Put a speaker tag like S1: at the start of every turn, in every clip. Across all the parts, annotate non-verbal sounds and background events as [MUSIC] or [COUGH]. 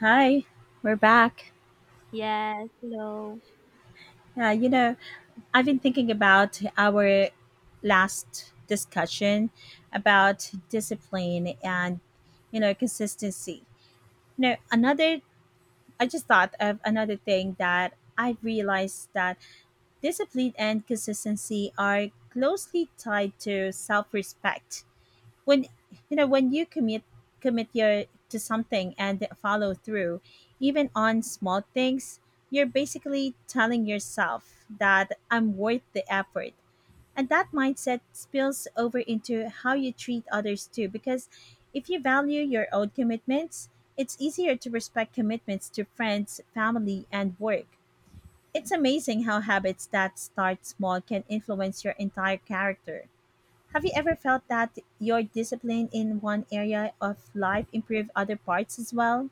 S1: Hi, we're back.
S2: Yes, hello.
S1: Yeah, I've been thinking about our last discussion about discipline and, consistency. You know, another, I just thought of another thing that I realized, that discipline and consistency are closely tied to self respect when when you commit your to something and follow through even on small things. You're basically telling yourself that I'm worth the effort, and that mindset spills over into how you treat others too, because if you value your own commitments, it's easier to respect commitments to friends, family and work. It's amazing how habits that start small can influence your entire character. Have you ever felt that your discipline in one area of life improved other parts as well?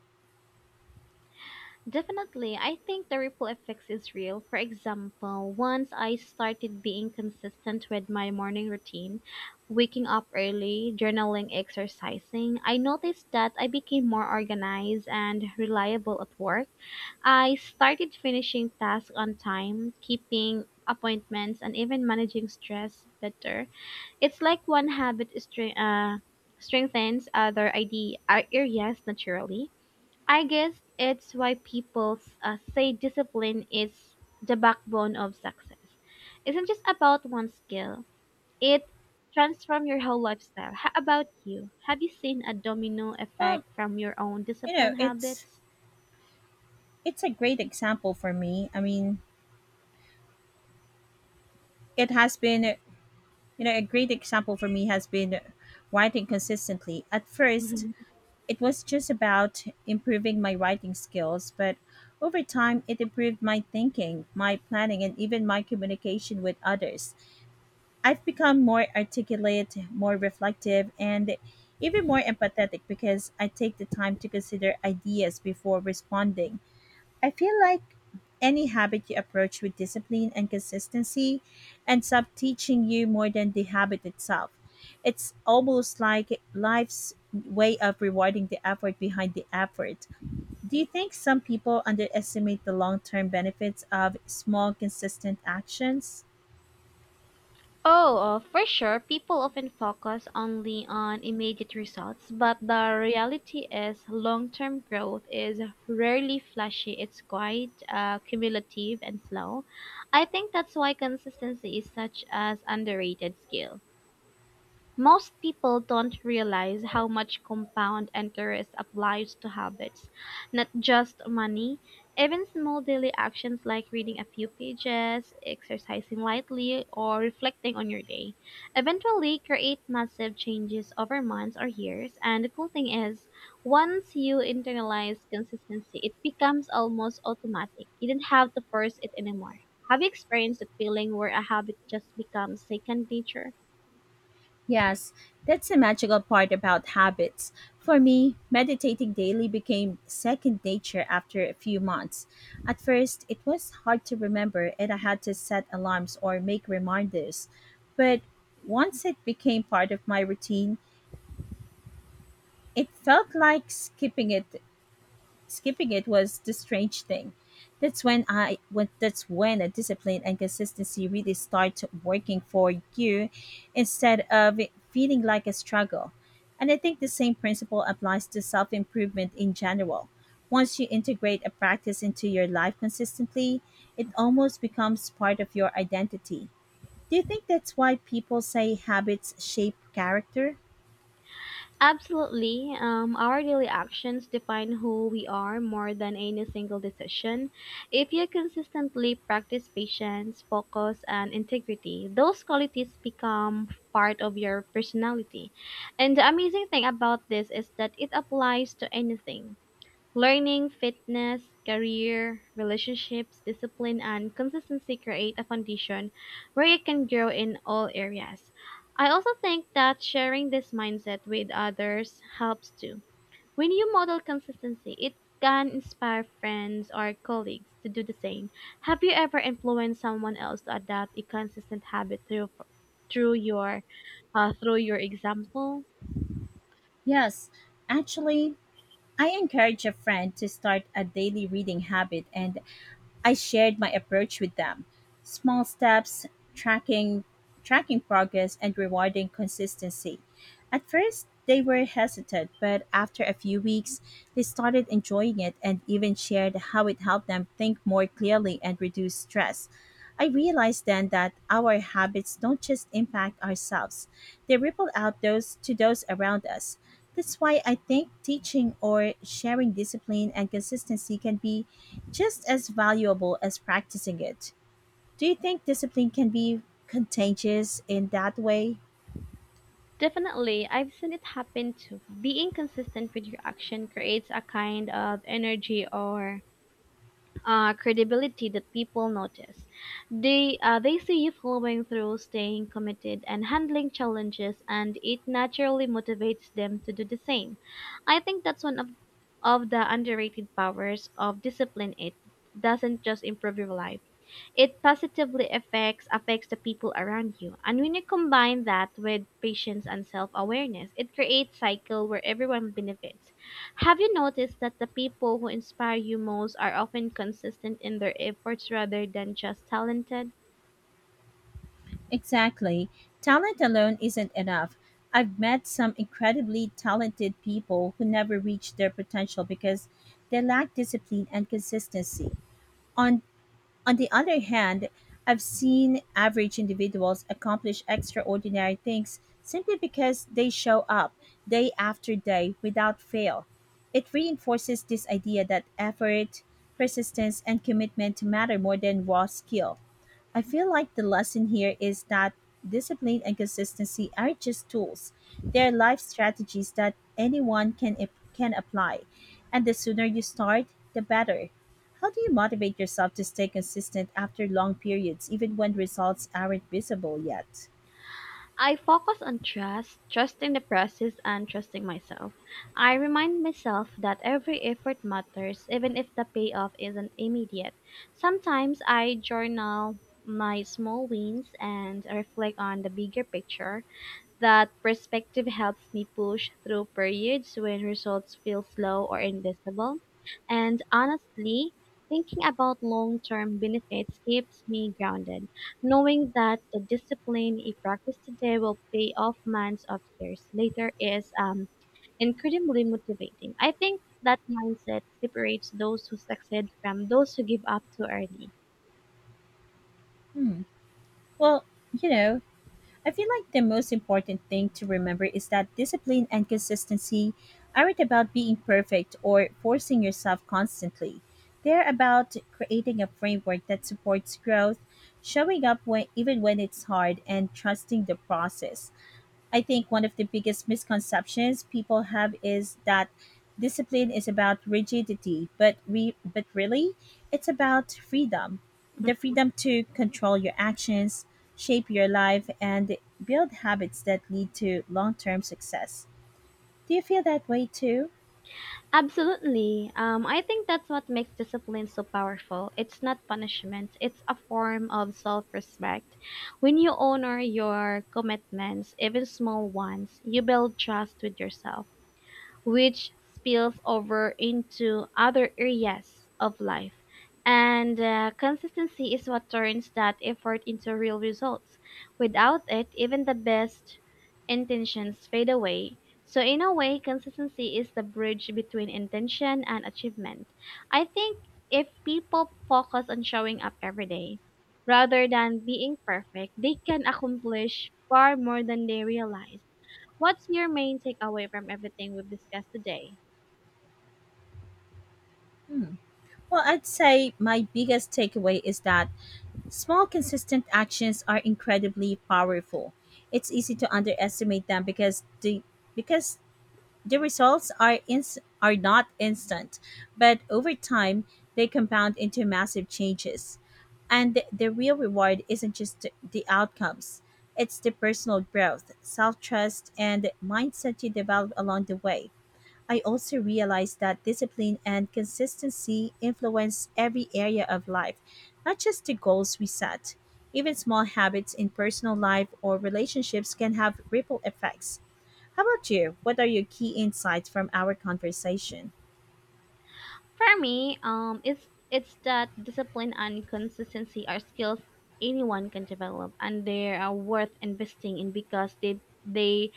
S2: Definitely, I think the ripple effects is real. For example, once I started being consistent with my morning routine, waking up early, journaling, exercising, I noticed that I became more organized and reliable at work. I started finishing tasks on time, keeping appointments, and even managing stress better. It's like one habit strengthens other idea areas naturally. I guess it's why people say discipline is the backbone of success. Isn't just about one skill. It transforms your whole lifestyle. How about you? Have you seen a domino
S1: Well,
S2: effect from your own
S1: you know,
S2: discipline
S1: it's
S2: habits?
S1: it's a great example for me. I mean, it has been a great example for me has been writing consistently. At first,
S2: [LAUGHS]
S1: it was just about improving my writing skills, but over time it improved my thinking, my planning and even my communication with others. I've become more articulate, more reflective, and even more empathetic because I take the time to consider ideas before responding. I feel like any habit you approach with discipline and consistency ends up teaching you more than the habit itself. It's almost like life's way of rewarding the effort behind the effort. Do you think some people underestimate the long term benefits of small, consistent actions?
S2: Oh, for sure, people often focus only on immediate results, but the reality is long term growth is rarely flashy. It's quite cumulative and slow. I think that's why consistency is such an underrated skill. Most people don't realize how much compound interest applies to habits, not just money. Even small daily actions like reading a few pages, exercising lightly, or reflecting on your day eventually create massive changes over months or years. And the cool thing is, once you internalize consistency, it becomes almost automatic. You don't have to force it anymore. Have you experienced the feeling where a habit just becomes second nature?
S1: Yes, that's the magical part about habits. For me, meditating daily became second nature after a few months. At first, it was hard to remember and I had to set alarms or make reminders. But once it became part of my routine, it felt like skipping it. Skipping it was the strange thing. That's when a discipline and consistency really start working for you instead of it feeling like a struggle. And I think the same principle applies to self-improvement in general. Once you integrate a practice into your life consistently, it almost becomes part of your identity. Do you think that's why people say habits shape character?
S2: Absolutely. Our daily actions define who we are more than any single decision. If you consistently practice patience, focus, and integrity, those qualities become part of your personality. And the amazing thing about this is that it applies to anything: learning, fitness, career, relationships, discipline, and consistency create a foundation where you can grow in all areas. I also think that sharing this mindset with others helps too. When you model consistency, it can inspire friends or colleagues to do the same. Have you ever influenced someone else to adopt a consistent habit through your through your example?
S1: Yes, actually, I encourage a friend to start a daily reading habit and I shared my approach with them. Small steps, tracking tracking progress and rewarding consistency. At first, they were hesitant, but after a few weeks, they started enjoying it and even shared how it helped them think more clearly and reduce stress. I realized then that our habits don't just impact ourselves, they ripple out those to those around us. That's why I think teaching or sharing discipline and consistency can be just as valuable as practicing it. Do you think discipline can be contagious in that way?
S2: Definitely, I've seen it happen too. Being consistent with your action creates a kind of energy or credibility that people notice. They see you following through, staying committed, and handling challenges, and it naturally motivates them to do the same. I think that's one of the underrated powers of discipline. It doesn't just improve your life, it positively affects the people around you. And when you combine that with patience and self-awareness, it creates cycle where everyone benefits. Have you noticed that the people who inspire you most are often consistent in their efforts rather than just talented?
S1: Exactly. Talent alone isn't enough. I've met some incredibly talented people who never reached their potential because they lack discipline and consistency. On On the other hand, I've seen average individuals accomplish extraordinary things simply because they show up day after day without fail. It reinforces this idea that effort, persistence, and commitment matter more than raw skill. I feel like the lesson here is that discipline and consistency are just tools. They are life strategies that anyone can apply, and the sooner you start, the better. How do you motivate yourself to stay consistent after long periods, even when results aren't visible yet?
S2: I focus on trust, trusting the process and trusting myself. I remind myself that every effort matters, even if the payoff isn't immediate. Sometimes I journal my small wins and reflect on the bigger picture. That perspective helps me push through periods when results feel slow or invisible. And honestly, thinking about long term benefits keeps me grounded, knowing that the discipline I practice today will pay off months of years later is incredibly motivating. I think that mindset separates those who succeed from those who give up too early.
S1: Hmm. Well, you know, I feel like the most important thing to remember is that discipline and consistency aren't about being perfect or forcing yourself constantly. They're about creating a framework that supports growth, showing up even when it's hard, and trusting the process. I think one of the biggest misconceptions people have is that discipline is about rigidity, but really, it's about freedom. The freedom to control your actions, shape your life and build habits that lead to long-term success. Do you feel that way too?
S2: Absolutely. I think that's what makes discipline so powerful. It's not punishment, it's a form of self respect. When you honor your commitments, even small ones, you build trust with yourself which spills over into other areas of life. And consistency is what turns that effort into real results. Without it, even the best intentions fade away. So, in a way, consistency is the bridge between intention and achievement. I think if people focus on showing up every day rather than being perfect, they can accomplish far more than they realize. What's your main takeaway from everything we've discussed today?
S1: Hmm. Well, I'd say my biggest takeaway is that small, consistent actions are incredibly powerful. It's easy to underestimate them because the results are not instant, but over time they compound into massive changes. And the real reward isn't just the outcomes. It's the personal growth, self-trust, and mindset you develop along the way. I also realized that discipline and consistency influence every area of life, not just the goals we set. Even small habits in personal life or relationships can have ripple effects. How about you? What are your key insights from our conversation?
S2: For me, it's that discipline and consistency are skills anyone can develop, and they are worth investing in because they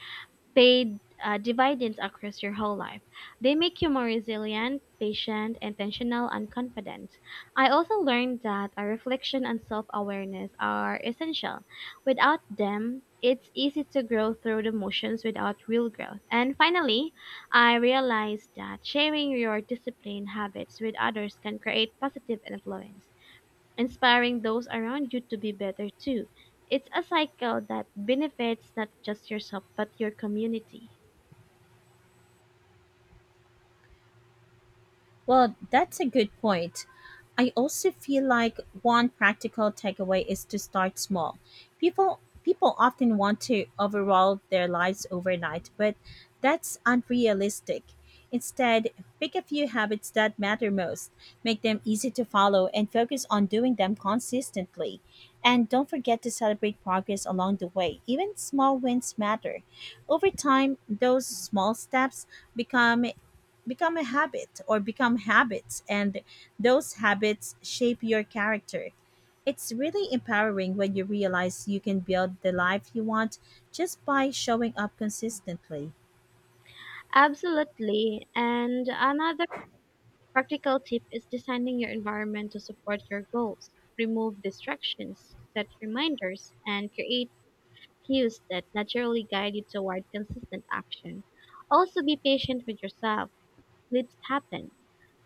S2: paid dividends across your whole life. They make you more resilient, patient, intentional, and confident. I also learned that a reflection and self awareness are essential. Without them, it's easy to grow through the motions without real growth. And finally, I realized that sharing your discipline habits with others can create positive influence. Inspiring those around you to be better too. It's a cycle that benefits not just yourself but your community.
S1: Well, that's a good point. I also feel like one practical takeaway is to start small. People often want to overhaul their lives overnight, but that's unrealistic. Instead, pick a few habits that matter most, make them easy to follow and focus on doing them consistently. And don't forget to celebrate progress along the way. Even small wins matter. Over time, those small steps become become a habit or become habits, and those habits shape your character. It's really empowering when you realize you can build the life you want just by showing up consistently.
S2: Absolutely. And another practical tip is designing your environment to support your goals. Remove distractions, set reminders, and create cues that naturally guide you toward consistent action. Also, be patient with yourself. Slips happen,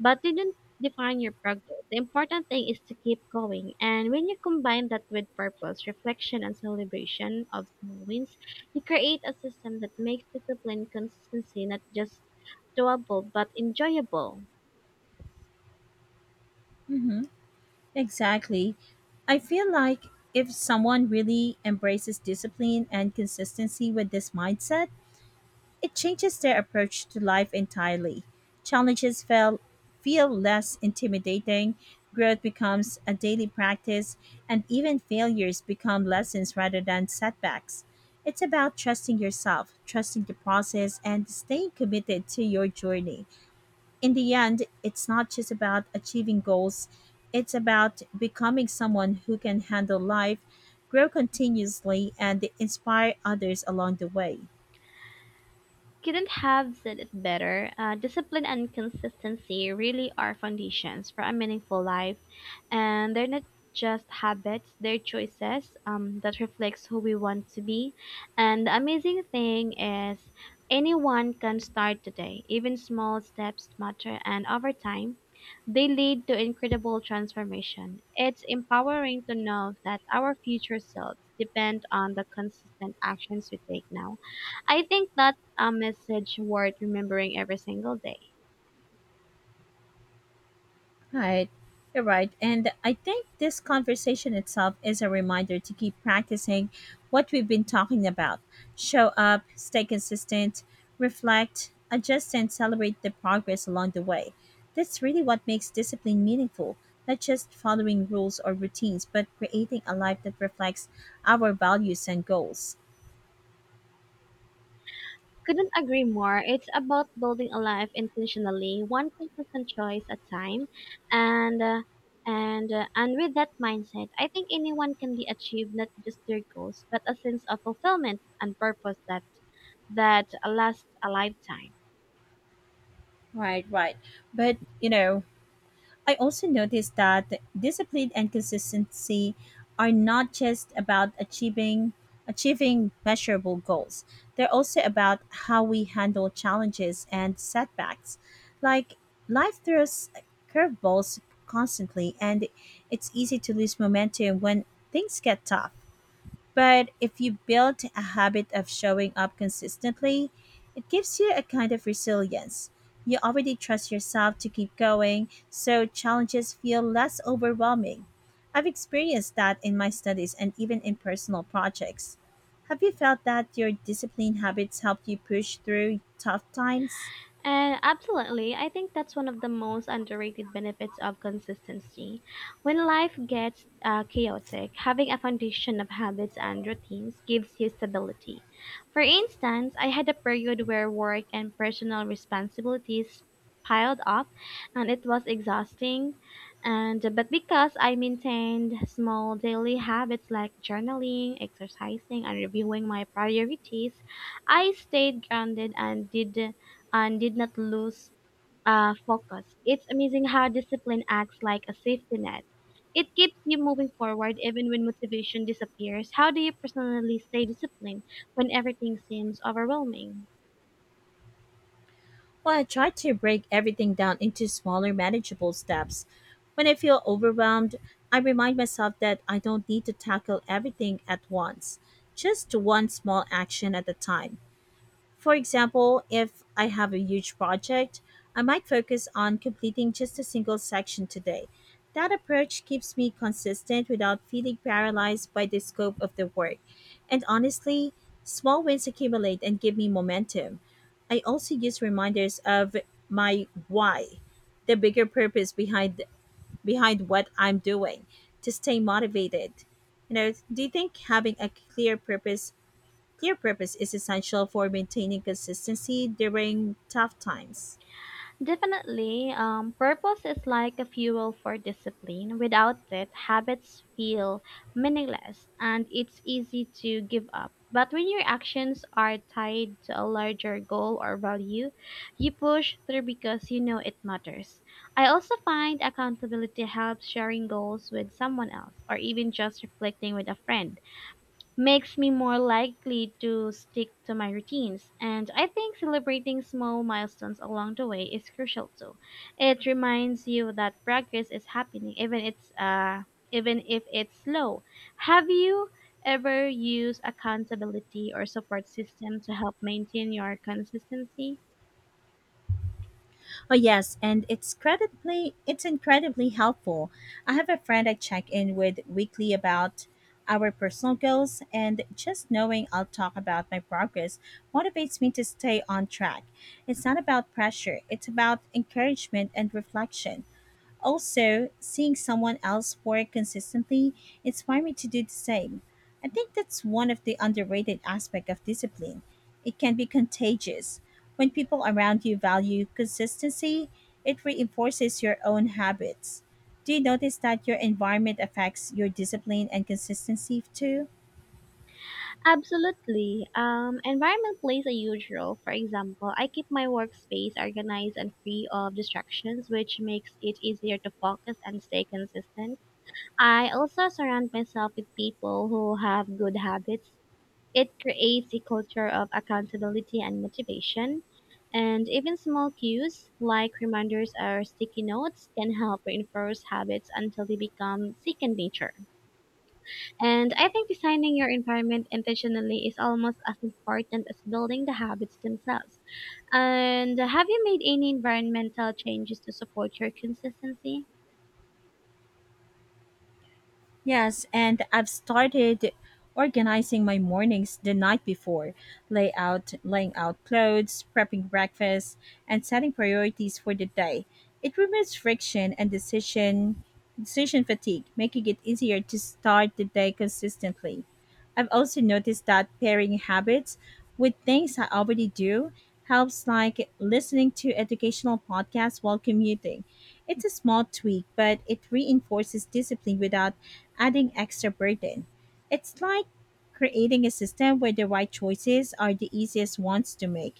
S2: but they don't define your progress. The important thing is to keep going. And when you combine that with purpose, reflection, and celebration of small wins, you create a system that makes discipline consistency not just doable but enjoyable.
S1: Mm-hmm. Exactly. I feel like if someone really embraces discipline and consistency with this mindset, it changes their approach to life entirely. Challenges feel less intimidating, growth becomes a daily practice, and even failures become lessons rather than setbacks. It's about trusting yourself, trusting the process, and staying committed to your journey. In the end, it's not just about achieving goals, it's about becoming someone who can handle life, grow continuously, and inspire others along the way.
S2: Couldn't have said it better. Discipline and consistency really are foundations for a meaningful life, and they're not just habits; they're choices that reflects who we want to be. And the amazing thing is, anyone can start today. Even small steps matter, and over time, they lead to incredible transformation. It's empowering to know that our future selves depend on the consistent actions we take now. I think that's a message worth remembering every single day.
S1: Right. You're right. And I think this conversation itself is a reminder to keep practicing what we've been talking about. Show up, stay consistent, reflect, adjust, and celebrate the progress along the way. That's really what makes discipline meaningful, not just following rules or routines, but creating a life that reflects our values and goals.
S2: Couldn't agree more. It's about building a life intentionally, one consistent choice at a time, and uh, and with that mindset, I think anyone can be achieved not just their goals, but a sense of fulfillment and purpose that lasts a lifetime.
S1: Right, right. But, I also noticed that discipline and consistency are not just about achieving measurable goals. They're also about how we handle challenges and setbacks. Like life throws curveballs constantly, and it's easy to lose momentum when things get tough. But if you build a habit of showing up consistently, it gives you a kind of resilience. You already trust yourself to keep going, so challenges feel less overwhelming. I've experienced that in my studies and even in personal projects. Have you felt that your discipline habits helped you push through tough times?
S2: And absolutely, I think that's one of the most underrated benefits of consistency. When life gets chaotic, having a foundation of habits and routines gives you stability. For instance, I had a period where work and personal responsibilities piled up and it was exhausting, and but because I maintained small daily habits like journaling, exercising and reviewing my priorities, I stayed grounded and did not lose focus. It's amazing how discipline acts like a safety net. It keeps you moving forward even when motivation disappears. How do you personally stay disciplined when everything seems overwhelming?
S1: Well, I try to break everything down into smaller, manageable steps. When I feel overwhelmed, I remind myself that I don't need to tackle everything at once, just one small action at a time. For example, if I have a huge project, I might focus on completing just a single section today. That approach keeps me consistent without feeling paralyzed by the scope of the work. And honestly, small wins accumulate and give me momentum. I also use reminders of my why, the bigger purpose behind what I'm doing, to stay motivated. Do you think having a clear purpose is essential for maintaining consistency during tough times?
S2: Definitely, purpose is like a fuel for discipline. Without it, habits feel meaningless and it's easy to give up. But when your actions are tied to a larger goal or value, you push through because you know it matters. I also find accountability helps sharing goals with someone else or even just reflecting with a friend makes me more likely to stick to my routines. And I think celebrating small milestones along the way is crucial too. It reminds you that progress is happening, even if it's slow. Have you ever used accountability or support system to help maintain your consistency?
S1: Oh yes, and it's incredibly helpful. I have a friend I check in with weekly about our personal goals, and just knowing I'll talk about my progress motivates me to stay on track. It's not about pressure, it's about encouragement and reflection. Also, seeing someone else work consistently inspired me to do the same. I think that's one of the underrated aspects of discipline. It can be contagious. When people around you value consistency, it reinforces your own habits. Do you notice that your environment affects your discipline and consistency too?
S2: Absolutely. Environment plays a huge role. For example, I keep my workspace organized and free of distractions, which makes it easier to focus and stay consistent. I also surround myself with people who have good habits. It creates a culture of accountability and motivation. And even small cues like reminders or sticky notes can help reinforce habits until they become second nature. And I think designing your environment intentionally is almost as important as building the habits themselves. And have you made any environmental changes to support your consistency?
S1: Yes, and I've started organizing my mornings the night before, laying out clothes, prepping breakfast, and setting priorities for the day. It removes friction and decision fatigue, making it easier to start the day consistently. I've also noticed that pairing habits with things I already do helps, like listening to educational podcasts while commuting. It's a small tweak, but it reinforces discipline without adding extra burden. It's like creating a system where the right choices are the easiest ones to make.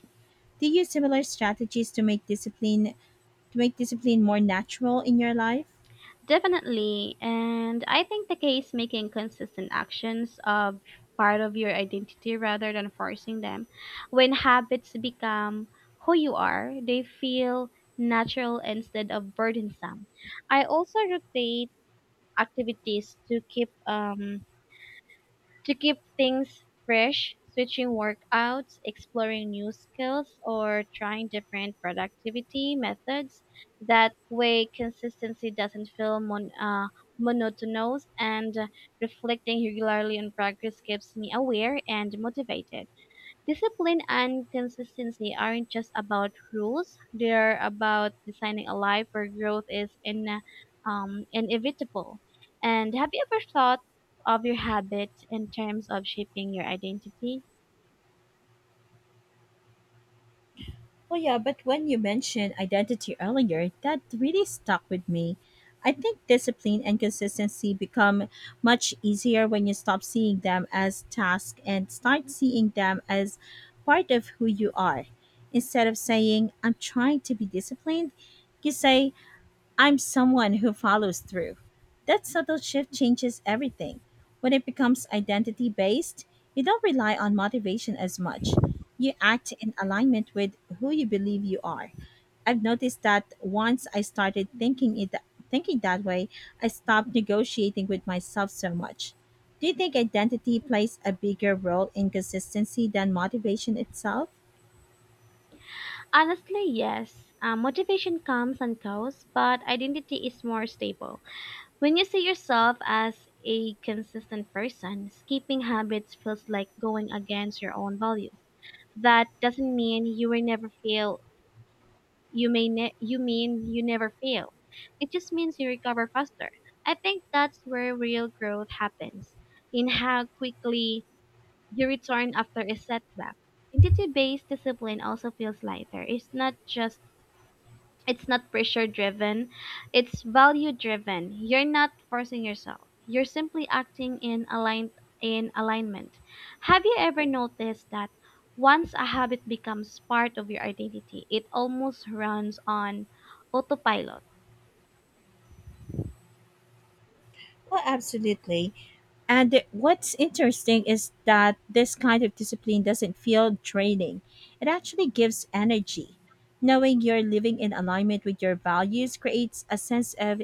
S1: Do you use similar strategies to make discipline more natural in your life?
S2: Definitely. And I think the key is making consistent actions of part of your identity rather than forcing them. When habits become who you are, they feel natural instead of burdensome. I also rotate activities to keep things fresh, switching workouts, exploring new skills, or trying different productivity methods. That way, consistency doesn't feel monotonous, and reflecting regularly on progress keeps me aware and motivated. Discipline and consistency aren't just about rules. They're about designing a life where growth is inevitable. And have you ever thought of your habit in terms of shaping your identity?
S1: Well, yeah, but when you mentioned identity earlier, that really stuck with me. I think discipline and consistency become much easier when you stop seeing them as tasks and start seeing them as part of who you are. Instead of saying, I'm trying to be disciplined, you say, I'm someone who follows through. That subtle shift changes everything. When it becomes identity based, you don't rely on motivation as much. You act in alignment with who you believe you are. I've noticed that once I started thinking that way, I stopped negotiating with myself so much. Do you think identity plays a bigger role in consistency than motivation itself?
S2: Honestly, yes. Motivation comes and goes, but identity is more stable. When you see yourself as a consistent person, skipping habits feels like going against your own values. That doesn't mean you will never feel. You mean you never fail. It just means you recover faster. I think that's where real growth happens, in how quickly you return after a setback. Entity based discipline also feels lighter. It's not just, it's not pressure driven, it's value driven. You're not forcing yourself. You're simply acting in alignment. Have you ever noticed that once a habit becomes part of your identity, it almost runs on autopilot?
S1: Oh, absolutely. What's interesting is that this kind of discipline doesn't feel draining. It actually gives energy. Knowing you're living in alignment with your values creates a sense of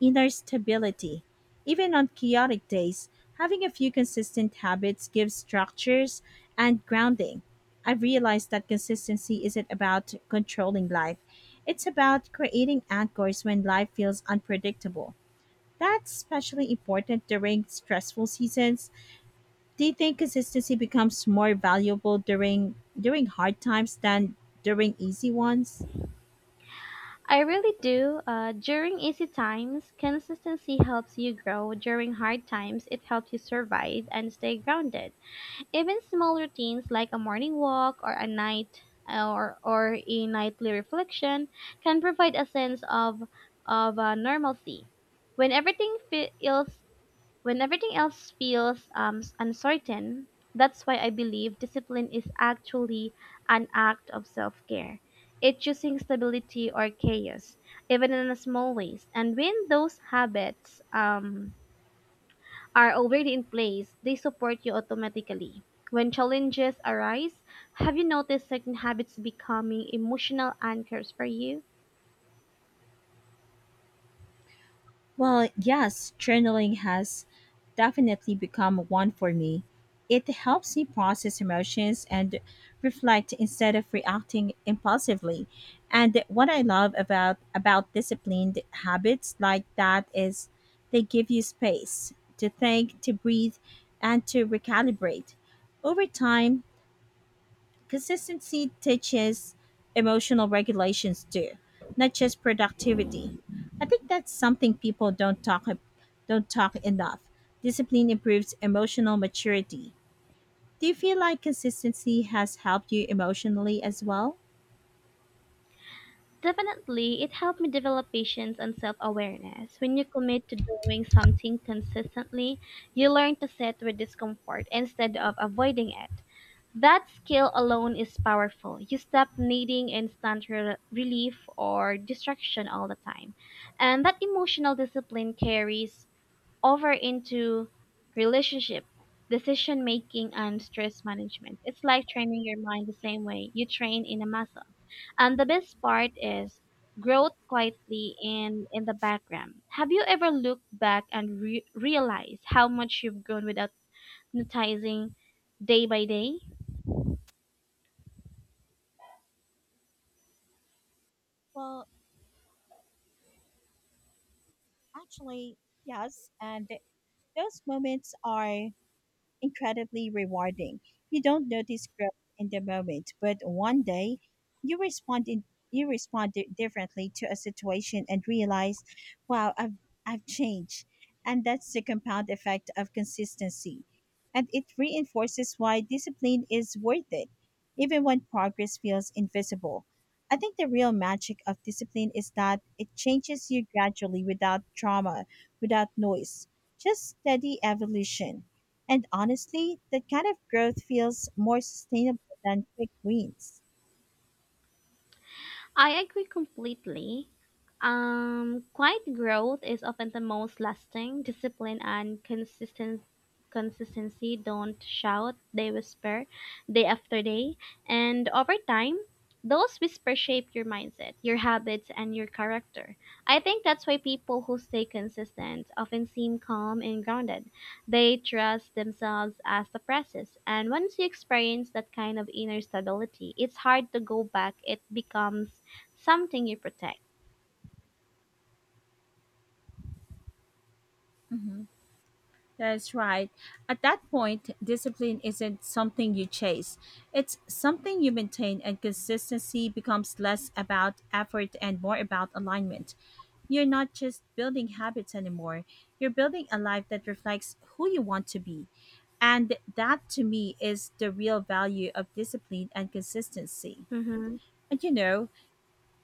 S1: inner stability. Even on chaotic days, having a few consistent habits gives structures and grounding. I've realized that consistency isn't about controlling life. It's about creating anchors when life feels unpredictable. That's especially important during stressful seasons. Do you think consistency becomes more valuable during hard times than during easy ones?
S2: I really do. During easy times, consistency helps you grow. During hard times, it helps you survive and stay grounded. Even small routines like a morning walk or a nightly reflection can provide a sense of normalcy. When everything feels when everything else feels uncertain, that's why I believe discipline is actually an act of self-care. It's choosing stability or chaos, even in a small ways. And when those habits are already in place, they support you automatically. When challenges arise, have you noticed certain habits becoming emotional anchors for you?
S1: Well, yes, journaling has definitely become one for me. It helps me process emotions and reflect instead of reacting impulsively. And what I love about disciplined habits like that is they give you space to think, to breathe, and to recalibrate. Over time, consistency teaches emotional regulations too, not just productivity. I think that's something people don't talk enough. Discipline improves emotional maturity. Do you feel like consistency has helped you emotionally as well?
S2: Definitely, it helped me develop patience and self awareness. When you commit to doing something consistently, you learn to sit with discomfort instead of avoiding it. That skill alone is powerful. You stop needing relief or distraction all the time. And that emotional discipline carries over into relationship, decision making, and stress management. It's like training your mind the same way you train in a muscle. And the best part is growth quietly in the background. Have you ever looked back and realized how much you've grown without noticing day by day?
S1: Well, actually, yes. And those moments are incredibly rewarding. You don't notice growth in the moment, but one day you respond in, you respond differently to a situation and realize, wow, I've changed. And that's the compound effect of consistency. And it reinforces why discipline is worth it, even when progress feels invisible. I think the real magic of discipline is that it changes you gradually without drama, without noise, just steady evolution. And honestly, that kind of growth feels more sustainable than quick wins.
S2: I agree completely. Quiet growth is often the most lasting. Discipline and consistent consistency don't shout, they whisper day after day. And over time, those whispers shape your mindset, your habits, and your character. I think that's why people who stay consistent often seem calm and grounded. They trust themselves as the process. And once you experience that kind of inner stability, it's hard to go back. It becomes something you protect.
S1: Mhm. That's right. At that point, discipline isn't something you chase, it's something you maintain, and consistency becomes less about effort and more about alignment. You're not just building habits anymore, you're building a life that reflects who you want to be. And that to me is the real value of discipline and consistency.
S2: Mm-hmm.
S1: And you know,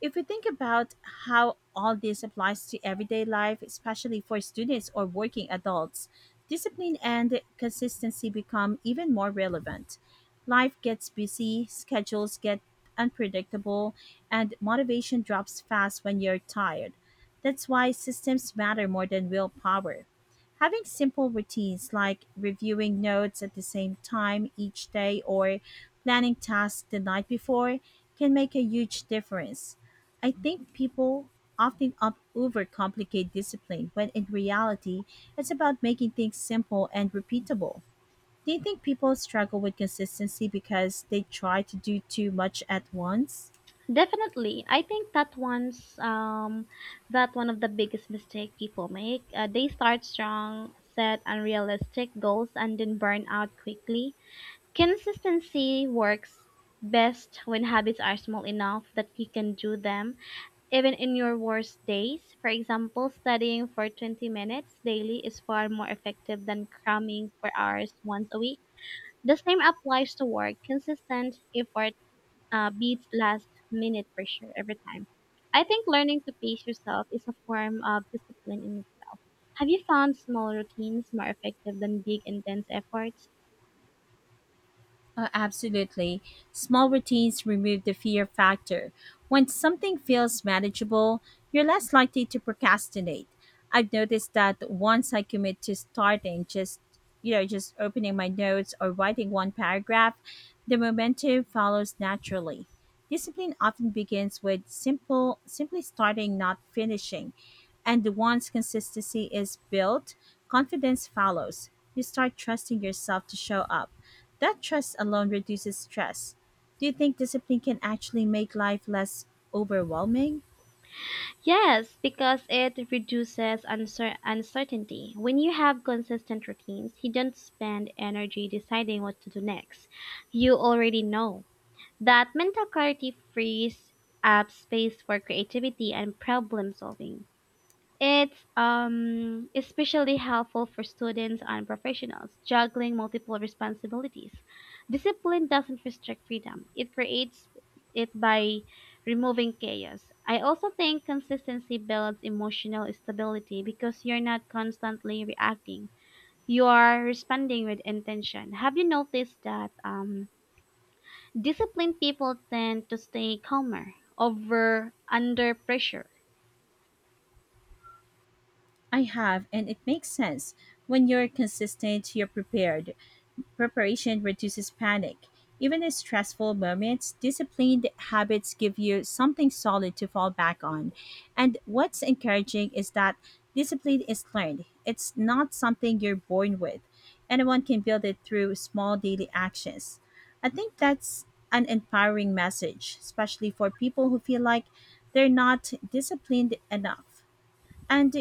S1: if we think about how all this applies to everyday life, especially for students or working adults, discipline and consistency become even more relevant. Life gets busy, schedules get unpredictable, and motivation drops fast when you're tired. That's why systems matter more than willpower. Having simple routines like reviewing notes at the same time each day or planning tasks the night before can make a huge difference. I think people often up overcomplicate discipline when in reality it's about making things simple and repeatable. Do you think people struggle with consistency because they try to do too much at once?
S2: Definitely, I think that one of the biggest mistake people make. They start strong, set unrealistic goals, and then burn out quickly. Consistency works best when habits are small enough that you can do them even in your worst days. For example, studying for 20 minutes daily is far more effective than cramming for hours once a week. The same applies to work. Consistent effort beat last minute pressure every time. I think learning to pace yourself is a form of discipline. And have you found small routines more effective than big intense efforts?
S1: Absolutely. Small routines remove the fear factor. When something feels manageable, you're less likely to procrastinate. I've noticed that once I commit to starting, just opening my notes or writing one paragraph, the momentum follows naturally. Discipline often begins with simple simply starting, not finishing. And once consistency is built, confidence follows. You start trusting yourself to show up. That trust alone reduces stress. Do you think discipline can actually make life less overwhelming?
S2: Yes, because it reduces uncertainty. When you have consistent routines, you don't spend energy deciding what to do next. You already know. That mental clarity frees up space for creativity and problem solving. It's especially helpful for students and professionals juggling multiple responsibilities. Discipline doesn't restrict freedom, it creates it by removing chaos. I also think consistency builds emotional stability because you're not constantly reacting, you are responding with intention. Have you noticed that disciplined people tend to stay calmer over under pressure?
S1: I have, and it makes sense. When you're consistent, you're prepared. Preparation reduces panic. Even in stressful moments, disciplined habits give you something solid to fall back on. And what's encouraging is that discipline is learned, it's not something you're born with. Anyone can build it through small daily actions. I think that's an empowering message, especially for people who feel like they're not disciplined enough. And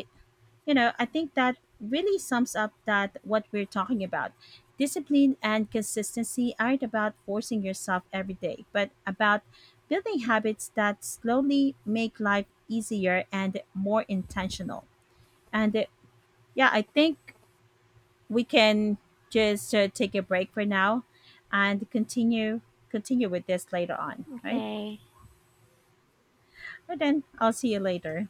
S1: you know, I think that really sums up that what we're talking about. Discipline and consistency aren't about forcing yourself every day, but about building habits that slowly make life easier and more intentional. And yeah, I think we can just take a break for now and continue with this later on, right?
S2: Okay.
S1: But then I'll see you later.